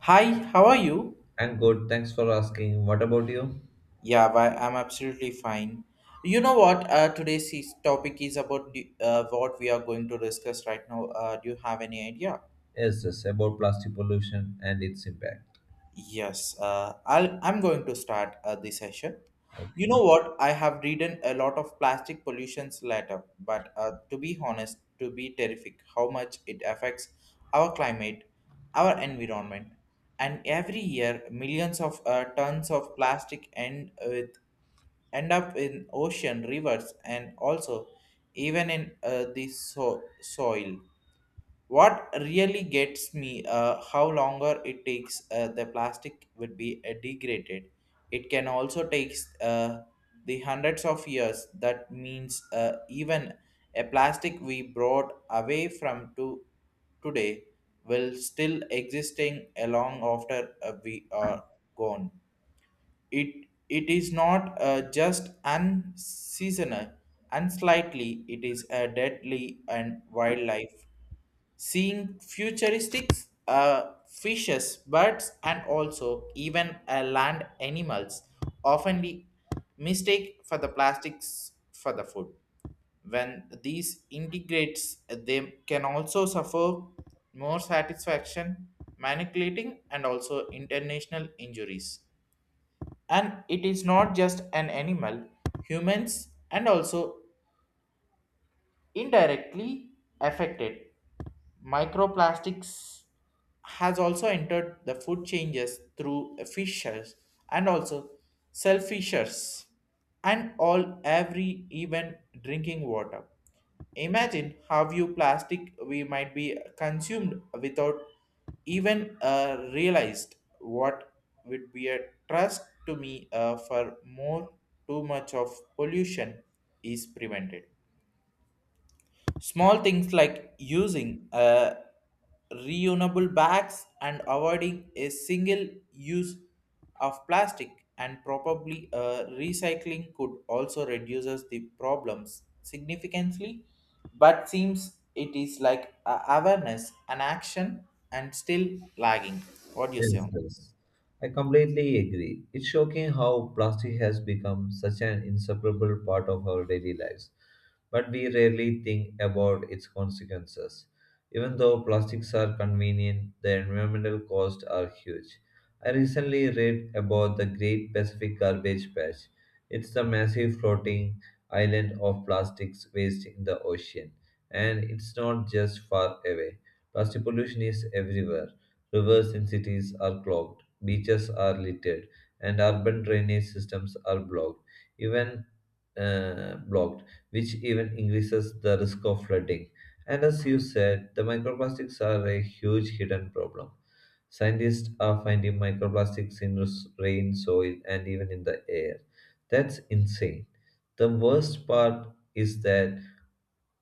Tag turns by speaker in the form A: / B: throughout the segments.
A: Hi, how are you?
B: I'm good. Thanks for asking. What about you?
A: Yeah, why, I'm absolutely fine. You know what? Topic is about what we are going to discuss right now. Do you have any idea?
B: Yes, about plastic pollution and its impact.
A: Yes, I'm going to start the session. You
B: Okay.
A: know what? I have written a lot of plastic pollutions letter, but to be honest, to be terrific, how much it affects our climate, our environment, and every year millions of tons of plastic end up in ocean, rivers, and also even in the soil. What really gets me, how longer it takes the plastic would be degraded. It can also takes the hundreds of years. That means even a plastic we brought away from to today will still existing along after we are gone. It is not just unseasonal, unslightly it is a deadly and wildlife. Seeing futuristic fishes, birds, and also even land animals often be mistake for the plastics for the food. When these integrates, they can also suffer more satisfaction, manipulating, and also international injuries and it is not just an animal humans and also indirectly affected microplastics has also entered the food changes through fishers and also cell and all every even drinking water imagine how you plastic we might be consumed without even realized what would be a trust to me for more too much of pollution is prevented. Small things like using reusable bags and avoiding a single use of plastic and probably recycling could also reduces the problems significantly but seems it is like a awareness and action and still lagging what do you say
B: Yes,
A: on.
B: yes. I completely agree. It's shocking how plastic has become such an inseparable part of our daily lives, but we rarely think about its consequences. Even though plastics are convenient, the environmental costs are huge. I recently read about the Great Pacific Garbage Patch. It's the massive floating island of plastics waste in the ocean, and it's not just far away. Plastic pollution is everywhere. Rivers in cities are clogged, beaches are littered, and urban drainage systems are blocked, even uh, blocked, which even increases the risk of flooding. And as you said, the microplastics are a huge hidden problem. Scientists are finding microplastics in rain, soil, and even in the air. That's insane. The worst part is that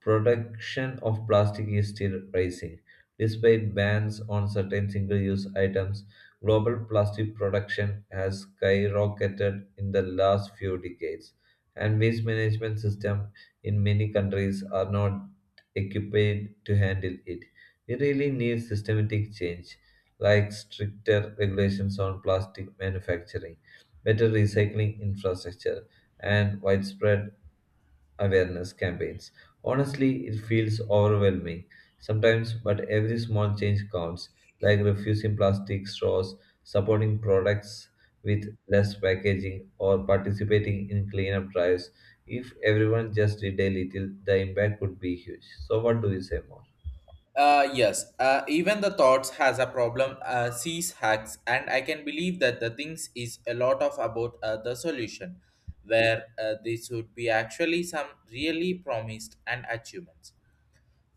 B: production of plastic is still rising. Despite bans on certain single use items, global plastic production has skyrocketed in the last few decades, and waste management systems in many countries are not equipped to handle it. We really need systematic change, like stricter regulations on plastic manufacturing, better recycling infrastructure, and widespread awareness campaigns. Honestly, it feels overwhelming sometimes, but every small change counts, like refusing plastic straws, supporting products with less packaging, or participating in cleanup drives. If everyone just did a little, the impact would be huge. So, what do you say more?
A: Yes, even the thoughts has a problem. Sees hacks, and I can believe that the things is a lot of about the solution, where this would be actually some really promised and achievements.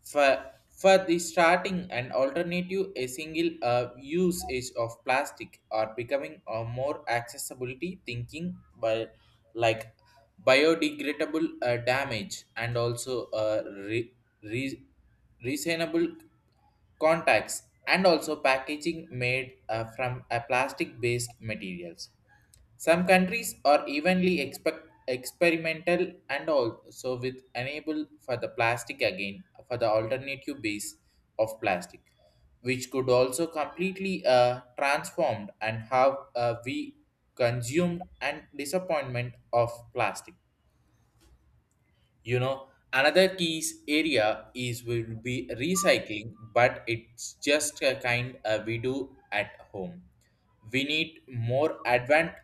A: For, for the starting an alternative, a single usage of plastic are becoming a more accessibility thinking by like biodegradable damage and also re- reasonable contacts and also packaging made from a plastic based materials some countries are evenly expect experimental and also with enable for the plastic again for the alternative base of plastic, which could also completely transformed and have we consumed and disappointment of plastic. You know, another key area is will be recycling, but it's just a kind we do at home we need more advanced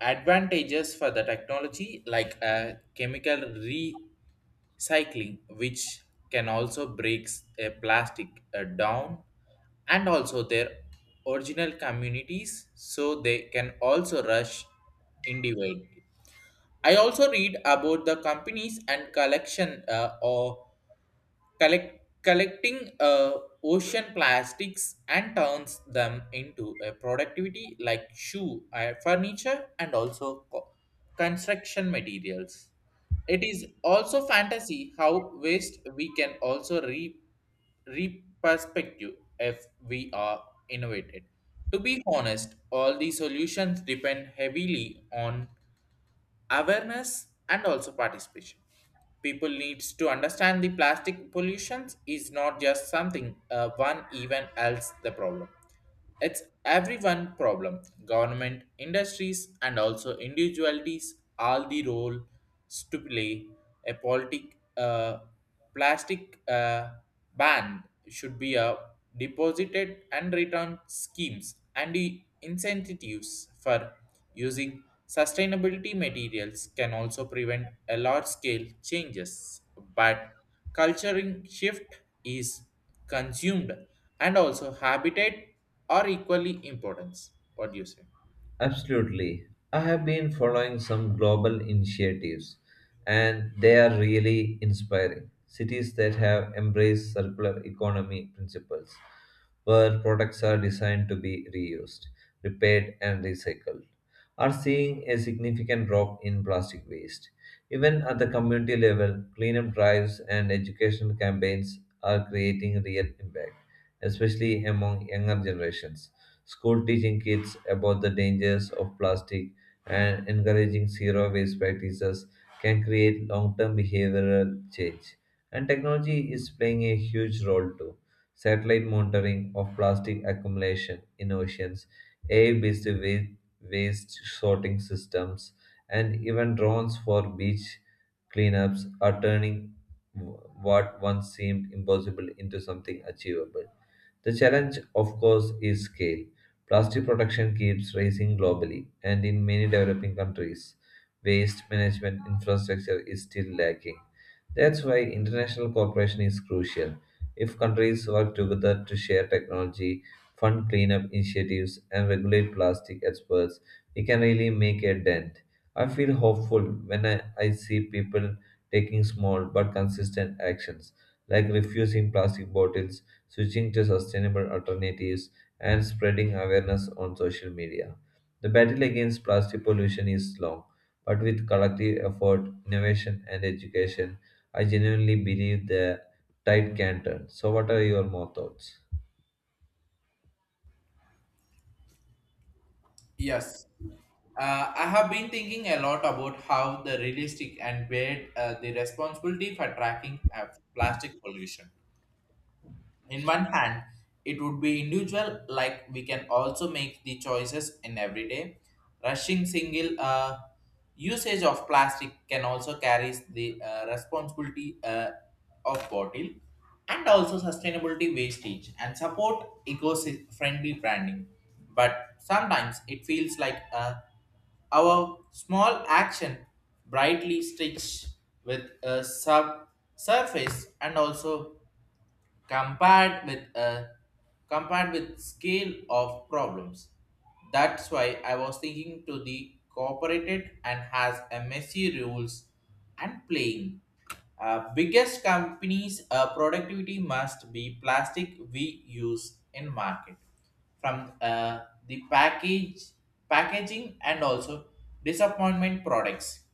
A: advantages for the technology like chemical recycling which can also breaks a plastic down and also their original communities so they can also rush individual. I also read about the companies and collection or collecting ocean plastics and turns them into a productivity like shoe, furniture, and also construction materials. It is also fantasy how waste we can also re reperspective if we are innovated. To be honest, all these solutions depend heavily on awareness and also participation people needs to understand the plastic pollution is not just something one even else the problem it's everyone problem. Government, industries, and also individualities all the roles to play. A plastic ban should be a deposited and return schemes and the incentives for using sustainability materials can also prevent a large scale changes. But culturing shift is consumed and also habitat are equally important. What do you say?
B: Absolutely. I have been following some global initiatives, and they are really inspiring. Cities that have embraced circular economy principles, where products are designed to be reused, repaired, and recycled, are seeing a significant drop in plastic waste. Even at the community level, cleanup drives and educational campaigns are creating real impact, especially among younger generations, school teaching kids about the dangers of plastic and encouraging zero waste practices can create long-term behavioral change. And technology is playing a huge role too. Satellite monitoring of plastic accumulation in oceans, AI-based waste sorting systems, and even drones for beach cleanups are turning what once seemed impossible into something achievable. The challenge, of course, is scale. Plastic production keeps rising globally, and in many developing countries, waste management infrastructure is still lacking. That's why international cooperation is crucial. If countries work together to share technology, fund cleanup initiatives, and regulate plastic experts, we can really make a dent. I feel hopeful when I see people taking small but consistent actions, like refusing plastic bottles, switching to sustainable alternatives, and spreading awareness on social media. The battle against plastic pollution is long, but with collective effort, innovation, and education, I genuinely believe the tide can turn. So, what are your more thoughts?
A: Yes. I have been thinking a lot about how the realistic and weighed the responsibility for tracking of plastic pollution. In one hand it would be individual like we can also make the choices in everyday rushing single usage of plastic can also carries the responsibility of bottle and also sustainability wastage and support eco-friendly branding but sometimes it feels like our small action brightly stitched with a sub surface and also compared with a compared with scale of problems. That's why I was thinking to the cooperated and has a messy rules and playing. Biggest companies productivity must be plastic we use in market from the package packaging and also disappointment products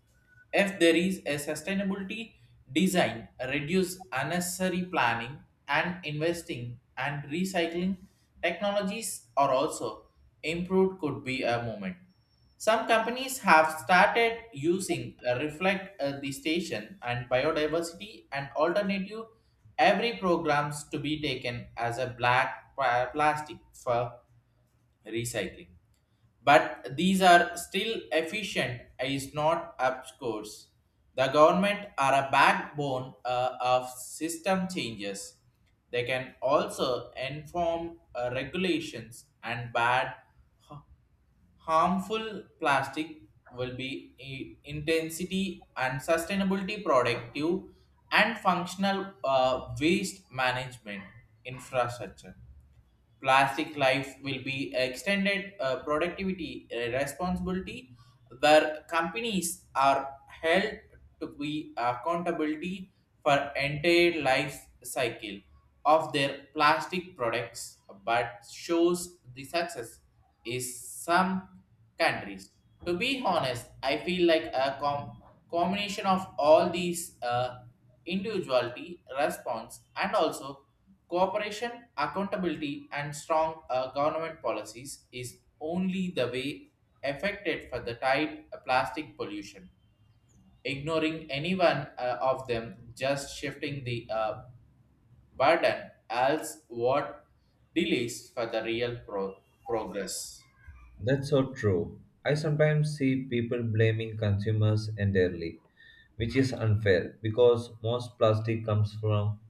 A: if there is a sustainability design, reduce unnecessary planning and investing and recycling technologies are also improved could be a moment. Some companies have started using reflect the station and biodiversity and alternative every programs to be taken as a black plastic for recycling but these are still efficient is not up course. The government are a backbone of system changes. They can also inform regulations and bad ha- harmful plastic will be intensity and sustainability productive and functional waste management infrastructure plastic life will be extended productivity responsibility where companies are held to be accountability for entire life cycle of their plastic products but shows the success is some countries. To be honest, I feel like a combination of all these individuality response and also cooperation, accountability, and strong government policies is only the way affected for the tide plastic pollution. Ignoring any one of them, just shifting the burden, else what delays for the real progress.
B: That's so true. I sometimes see people blaming consumers entirely, which is unfair because most plastic comes from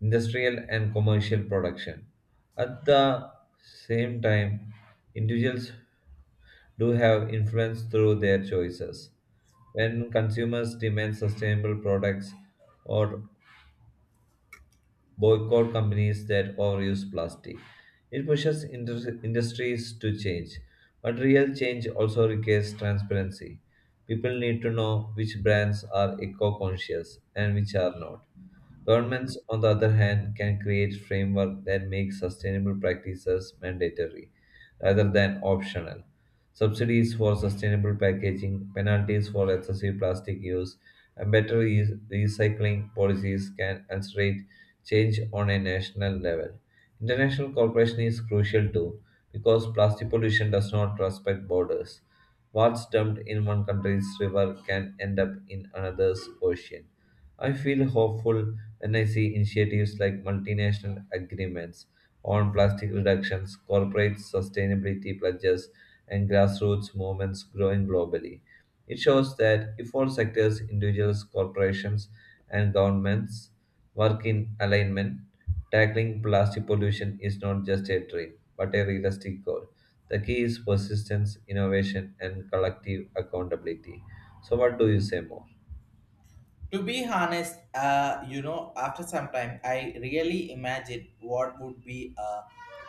B: industrial and commercial production. At the same time, individuals do have influence through their choices. When consumers demand sustainable products or boycott companies that overuse plastic, it pushes industries to change. But real change also requires transparency. People need to know which brands are eco conscious and which are not. Governments, on the other hand, can create framework that make sustainable practices mandatory rather than optional. Subsidies for sustainable packaging, penalties for excessive plastic use, and better recycling policies can accelerate change on a national level. International cooperation is crucial too, because plastic pollution does not respect borders. What's dumped in one country's river can end up in another's ocean. I feel hopeful then I see initiatives like multinational agreements on plastic reductions, corporate sustainability pledges, and grassroots movements growing globally. It shows that if all sectors, individuals, corporations, and governments work in alignment, tackling plastic pollution is not just a dream, but a realistic goal. The key is persistence, innovation, and collective accountability. So, what do you say more?
A: To be honest, you know, after some time, I really imagined what would be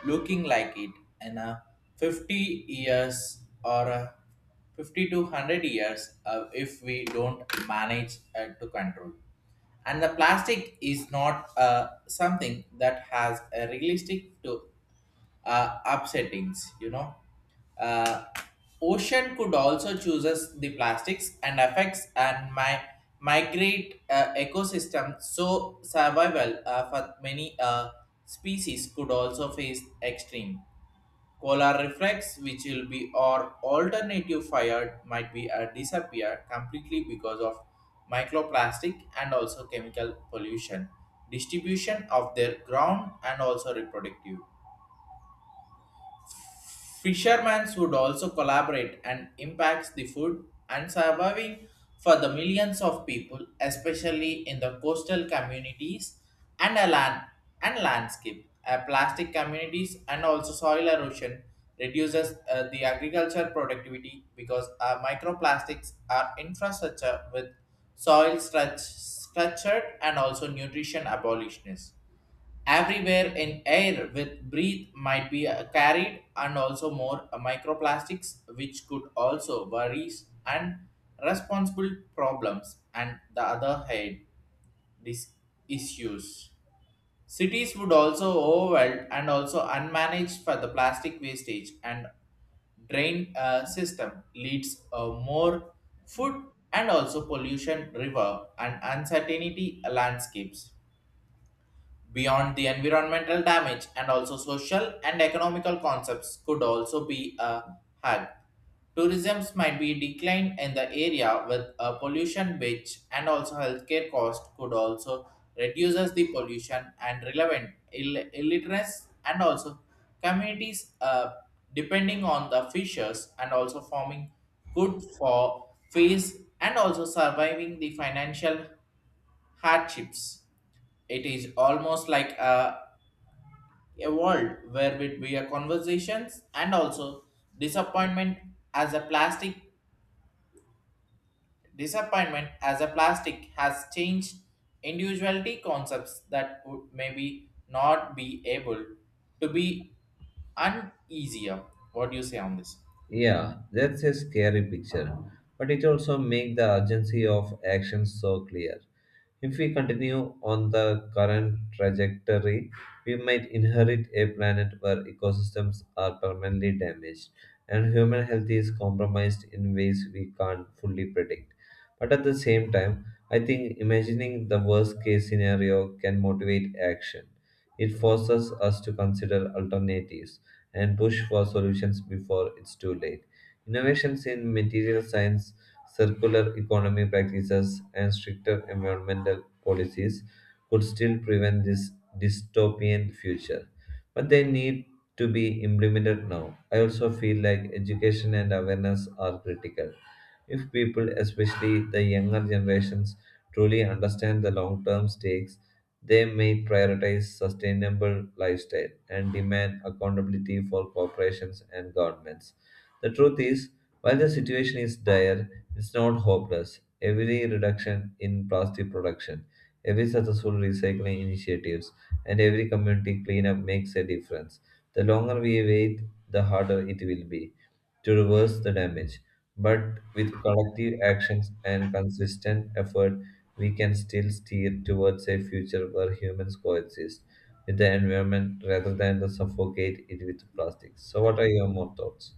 A: looking like it in 50 years or 50 to 100 years if we don't manage to control. And the plastic is not something that has a realistic to up settings, you know. Uh, Ocean could also chooses the plastics and affects and my migrate ecosystem so survival for many species could also face extreme polar reflex which will be or alternative fire might be disappear completely because of microplastic and also chemical pollution distribution of their ground and also reproductive. Fishermen would also collaborate and impacts the food and surviving for the millions of people, especially in the coastal communities and a land and landscape. Plastic communities and also soil erosion reduces the agriculture productivity because microplastics are infrastructure with soil structured and also nutrition abolitionists everywhere in air with breath might be carried and also more microplastics which could also worries and responsible problems and the other head these issues cities would also overwhelmed and also unmanaged for the plastic wastage and drain system leads more food and also pollution river and uncertainty landscapes. Beyond the environmental damage and also social and economical concepts could also be a hug. Tourism might be declined in the area with a pollution which and also healthcare cost could also reduces the pollution and relevant illiteracy and also communities depending on the fishers and also forming good for face and also surviving the financial hardships. It is almost like a world where we are conversations and also disappointment as a plastic disappointment as a plastic has changed individuality concepts that would maybe not be able to be uneasier. What do you say on this?
B: Yeah, that's a scary picture, but it also makes the urgency of action so clear. If we continue on the current trajectory, we might inherit a planet where ecosystems are permanently damaged and human health is compromised in ways we can't fully predict. But at the same time, I think imagining the worst case scenario can motivate action. It forces us to consider alternatives and push for solutions before it's too late. Innovations in material science, circular economy practices, and stricter environmental policies could still prevent this dystopian future. But they need to be implemented now. I also feel like education and awareness are critical. If people, especially the younger generations, truly understand the long term stakes, they may prioritize sustainable lifestyle and demand accountability for corporations and governments. The truth is, while the situation is dire, it's not hopeless. Every reduction in plastic production, every successful recycling initiatives, and every community cleanup makes a difference. The longer we wait, the harder it will be to reverse the damage. But with collective actions and consistent effort, we can still steer towards a future where humans coexist with the environment rather than the suffocate it with plastic. So, what are your more thoughts?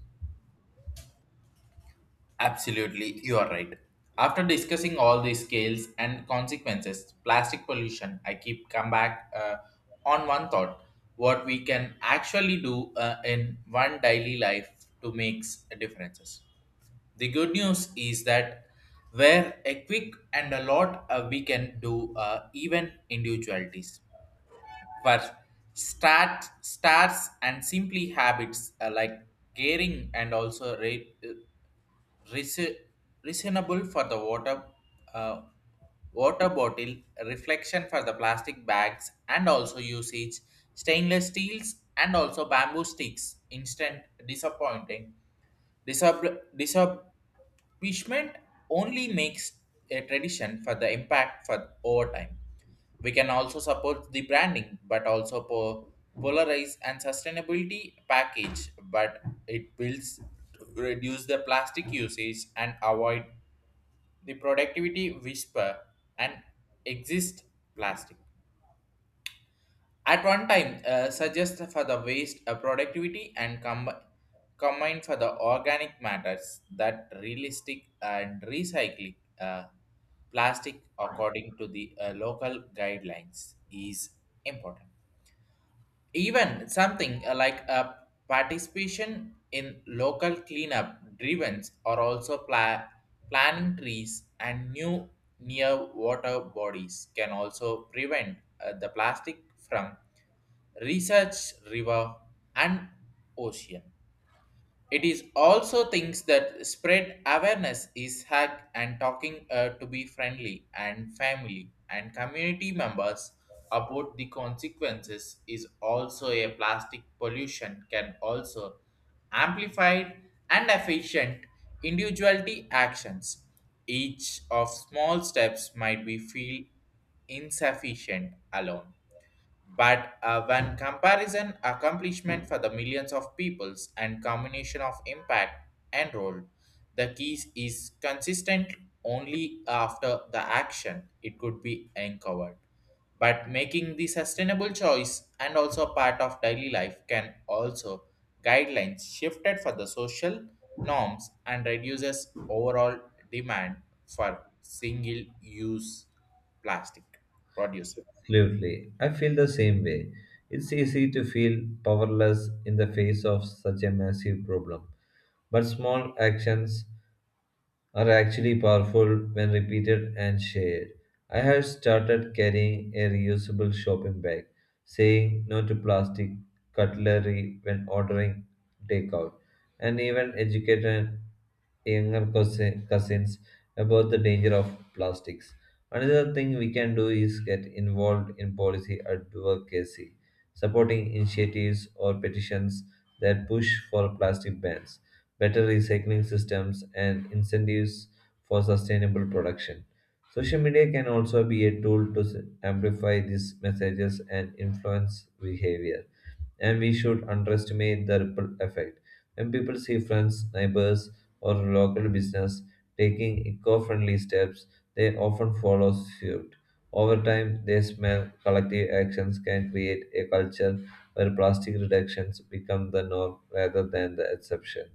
A: Absolutely, you are right. After discussing all the scales and consequences, plastic pollution, I keep come back on one thought: what we can actually do in one daily life to make differences. The good news is that where a quick and a lot we can do even individualities. First, starts and simply habits like caring and also Reason- reasonable for the water uh, water bottle reflection for the plastic bags and also usage stainless steels and also bamboo sticks instant disappointing disab- disab- punishment only makes a tradition for the impact for over time. We can also support the branding, but also polarize and sustainability package, but it builds to reduce the plastic usage and avoid the productivity whisper and exist plastic. At one time, suggest for the waste productivity and combined for the organic matters that realistic and recycling plastic according to the local guidelines is important even something like a participation in local cleanup drives or also planting trees and new near water bodies can also prevent the plastic from research river and ocean it is also things that spread awareness is hack and talking to be friendly and family and community members about the consequences is also a plastic pollution can also amplified and efficient individuality actions. Each of small steps might be feel insufficient alone but when comparison accomplishment for the millions of peoples and combination of impact enrolled, the keys is consistent only after the action it could be uncovered. But making the sustainable choice and also part of daily life can also guidelines shifted for the social norms and reduces overall demand for single use plastic producer.
B: Absolutely. I feel the same way. It's easy to feel powerless in the face of such a massive problem. But small actions are actually powerful when repeated and shared. I have started carrying a reusable shopping bag, saying no to plastic cutlery when ordering takeout, and even educated younger cousins about the danger of plastics. Another thing we can do is get involved in policy advocacy, supporting initiatives or petitions that push for plastic bans, better recycling systems, and incentives for sustainable production. Social media can also be a tool to amplify these messages and influence behavior, and we should underestimate the ripple effect. When people see friends, neighbors, or local business taking eco-friendly steps, they often follow suit. Over time, they smell collective actions can create a culture where plastic reductions become the norm rather than the exception.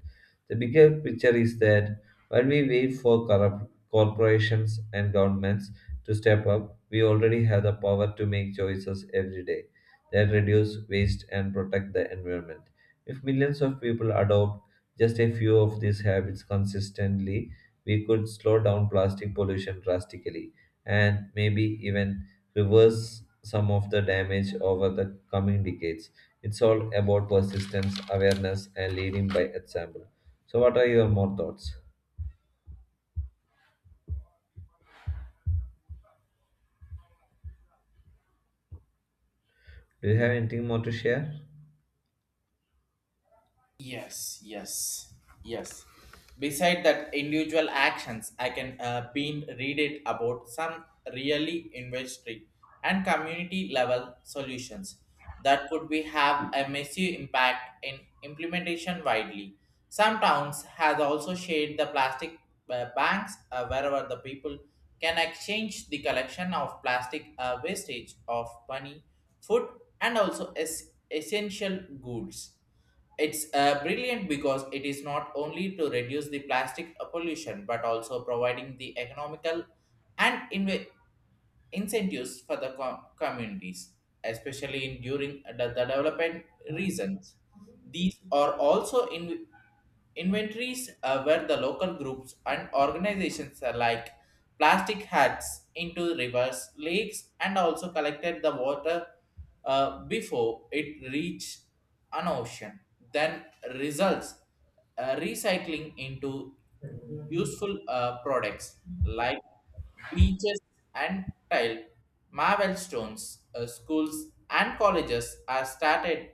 B: The bigger picture is that while we wait for corrupt corporations and governments to step up, we already have the power to make choices every day that reduce waste and protect the environment. If millions of people adopt just a few of these habits consistently, we could slow down plastic pollution drastically and maybe even reverse some of the damage over the coming decades. It's all about persistence, awareness, and leading by example. So, what are your more thoughts? Do you have anything more to share?
A: Yes, yes, yes. Beside that individual actions, I can been read it about some really industry and community level solutions that could be have a massive impact in implementation widely. Some towns has also shared the plastic banks wherever the people can exchange the collection of plastic wastage of money, food, and also essential goods. It's brilliant because it is not only to reduce the plastic pollution but also providing the economical and incentives for the communities, especially in during the development reasons. These are also in inventories where the local groups and organizations alike plastic hats into rivers, lakes, and also collected the water before it reached an ocean. Then results recycling into useful products like beaches and tile, marble stones. Schools and colleges are started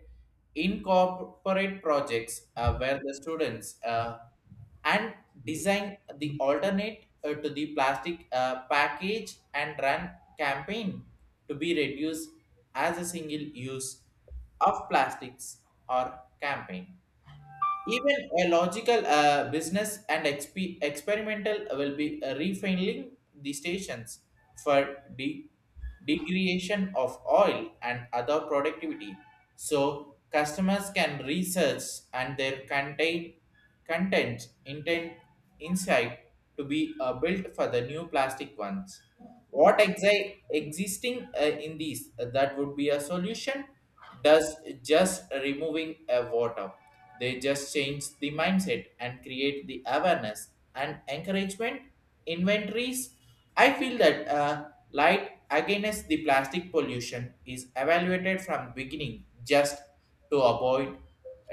A: incorporate projects where the students and design the alternate to the plastic package and run campaign to be reduced as a single use of plastics or campaign. Even a logical business and experimental will be refining the stations for degradation of oil and other productivity. So customers can research and their contain content intent insight to be built for the new plastic ones. What existing in these that would be a solution does just removing a water. They just change the mindset and create the awareness and encouragement inventories. I feel that light against the plastic pollution is evaluated from beginning just to avoid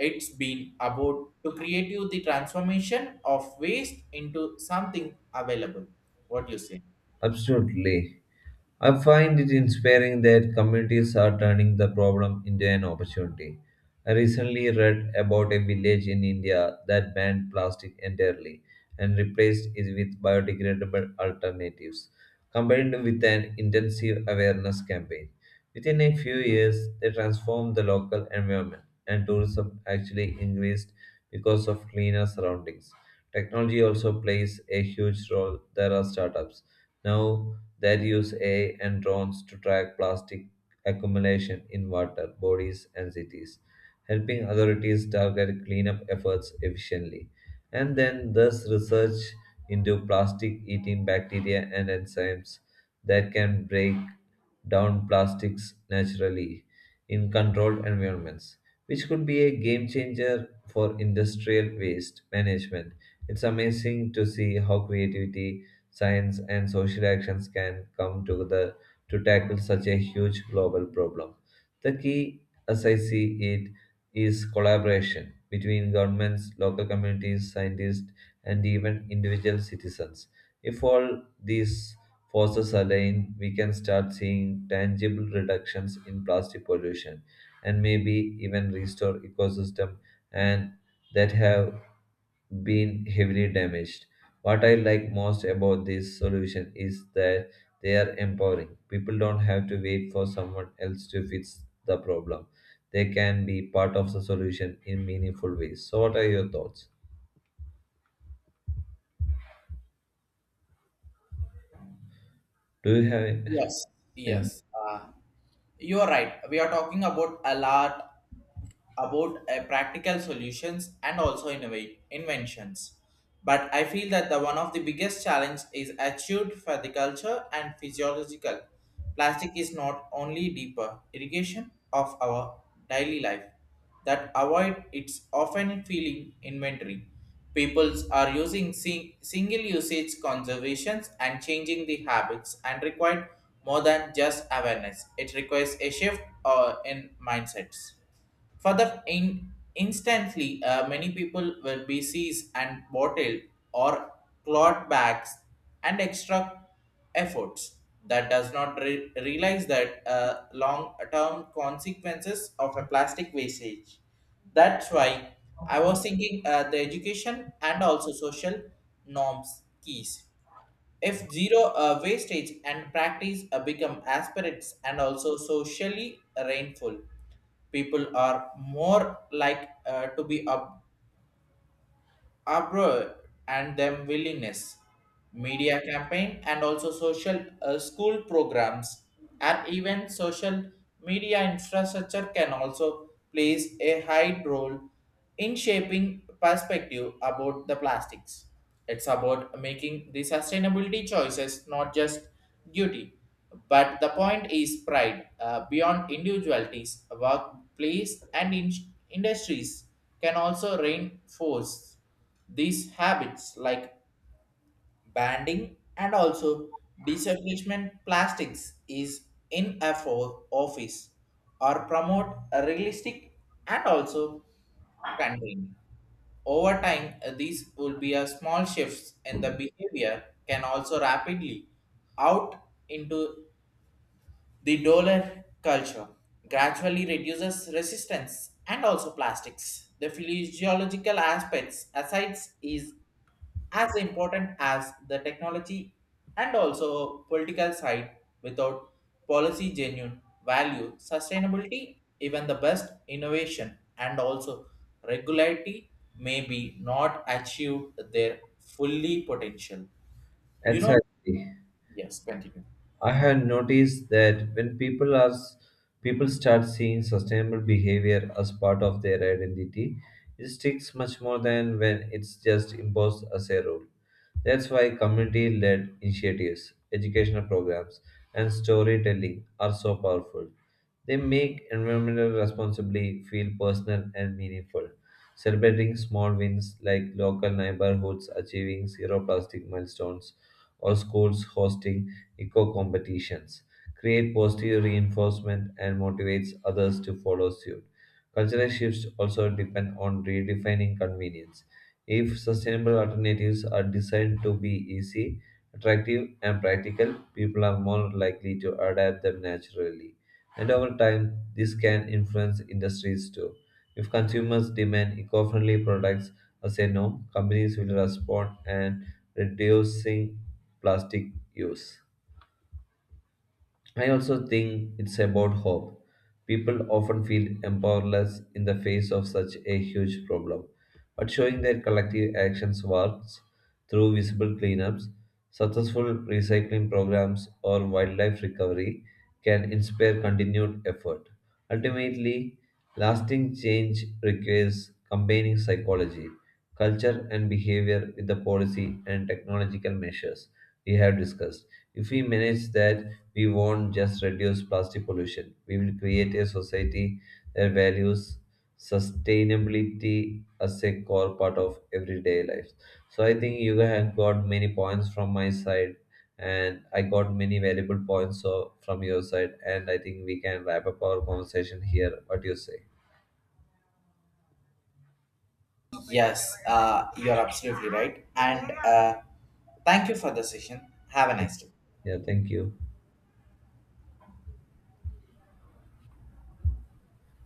A: it's been about to create you the transformation of waste into something available. What do you say?
B: Absolutely. I find it inspiring that communities are turning the problem into an opportunity. I recently read about a village in India that banned plastic entirely and replaced it with biodegradable alternatives, combined with an intensive awareness campaign. Within a few years, they transformed the local environment, and tourism actually increased because of cleaner surroundings. Technology also plays a huge role. There are startups now that use AI and drones to track plastic accumulation in water bodies and cities, helping authorities target cleanup efforts efficiently. And then thus research into plastic eating bacteria and enzymes that can break down plastics naturally in controlled environments, which could be a game changer for industrial waste management. It's amazing to see how creativity, science, and social actions can come together to tackle such a huge global problem. The key, as I see it, is collaboration between governments, local communities, scientists, and even individual citizens. If all these forces align, we can start seeing tangible reductions in plastic pollution and maybe even restore ecosystem and that have been heavily damaged. What I like most about this solution is that they are empowering. People don't have to wait for someone else to fix the problem. They can be part of the solution in meaningful ways. So, what are your thoughts? Do you have
A: Yes. Yes. You're right. We are talking about a lot about practical solutions and also innovate inventions. But I feel that the one of the biggest challenge is achieved for the culture and physiological. Plastic is not only deeper irrigation of our daily life that avoid its often feeling inventory. Peoples are using single usage conservations and changing the habits and required more than just awareness. It requires a shift in mindsets. For the in, instantly, many people were BCs and bottled or cloth bags and extra efforts that does not realize that long-term consequences of a plastic wastage. That's why I was thinking the education and also social norms keys. If zero wastage and practice become aspirates and also socially rainful, people are more like to be abroad and them willingness media campaign and also social school programs and even social media infrastructure can also plays a high role in shaping perspective about the plastics. It's about making the sustainability choices not just duty but the point is pride beyond individualities, workplace, and industries can also reinforce these habits like banding and also discouragement plastics is in a office or promote a realistic and also contain. Over time, these will be a small shifts in the behavior can also rapidly out into the dollar culture gradually reduces resistance and also plastics. The physiological aspects asides is as important as the technology and also political side without policy genuine value sustainability even the best innovation and also regularity may be not achieved their fully potential, you know.
B: exactly?
A: Yes, continue.
B: I had noticed that when people start seeing sustainable behavior as part of their identity, it sticks much more than when it's just imposed as a rule. That's why community-led initiatives, educational programs, and storytelling are so powerful. They make environmental responsibility feel personal and meaningful. Celebrating small wins like local neighborhoods achieving zero plastic milestones or schools hosting eco competitions, create positive reinforcement, and motivates others to follow suit. Cultural shifts also depend on redefining convenience. If sustainable alternatives are designed to be easy, attractive, and practical, people are more likely to adapt them naturally. And over time, this can influence industries too. If consumers demand eco friendly products as a norm, companies will respond and reducing plastic use. I also think it's about hope. People often feel empowerless in the face of such a huge problem, but showing their collective actions works through visible cleanups, successful recycling programs, or wildlife recovery can inspire continued effort. Ultimately, lasting change requires combining psychology, culture, and behavior with the policy and technological measures we have discussed. If we manage that, we won't just reduce plastic pollution. We will create a society that values sustainability as a core part of everyday life. So I think you have got many points from my side, and I got many valuable points so, from your side. And I think we can wrap up our conversation here. What do you say?
A: Yes, you're absolutely right. And thank you for the session. Have a nice day.
B: Yeah, thank you.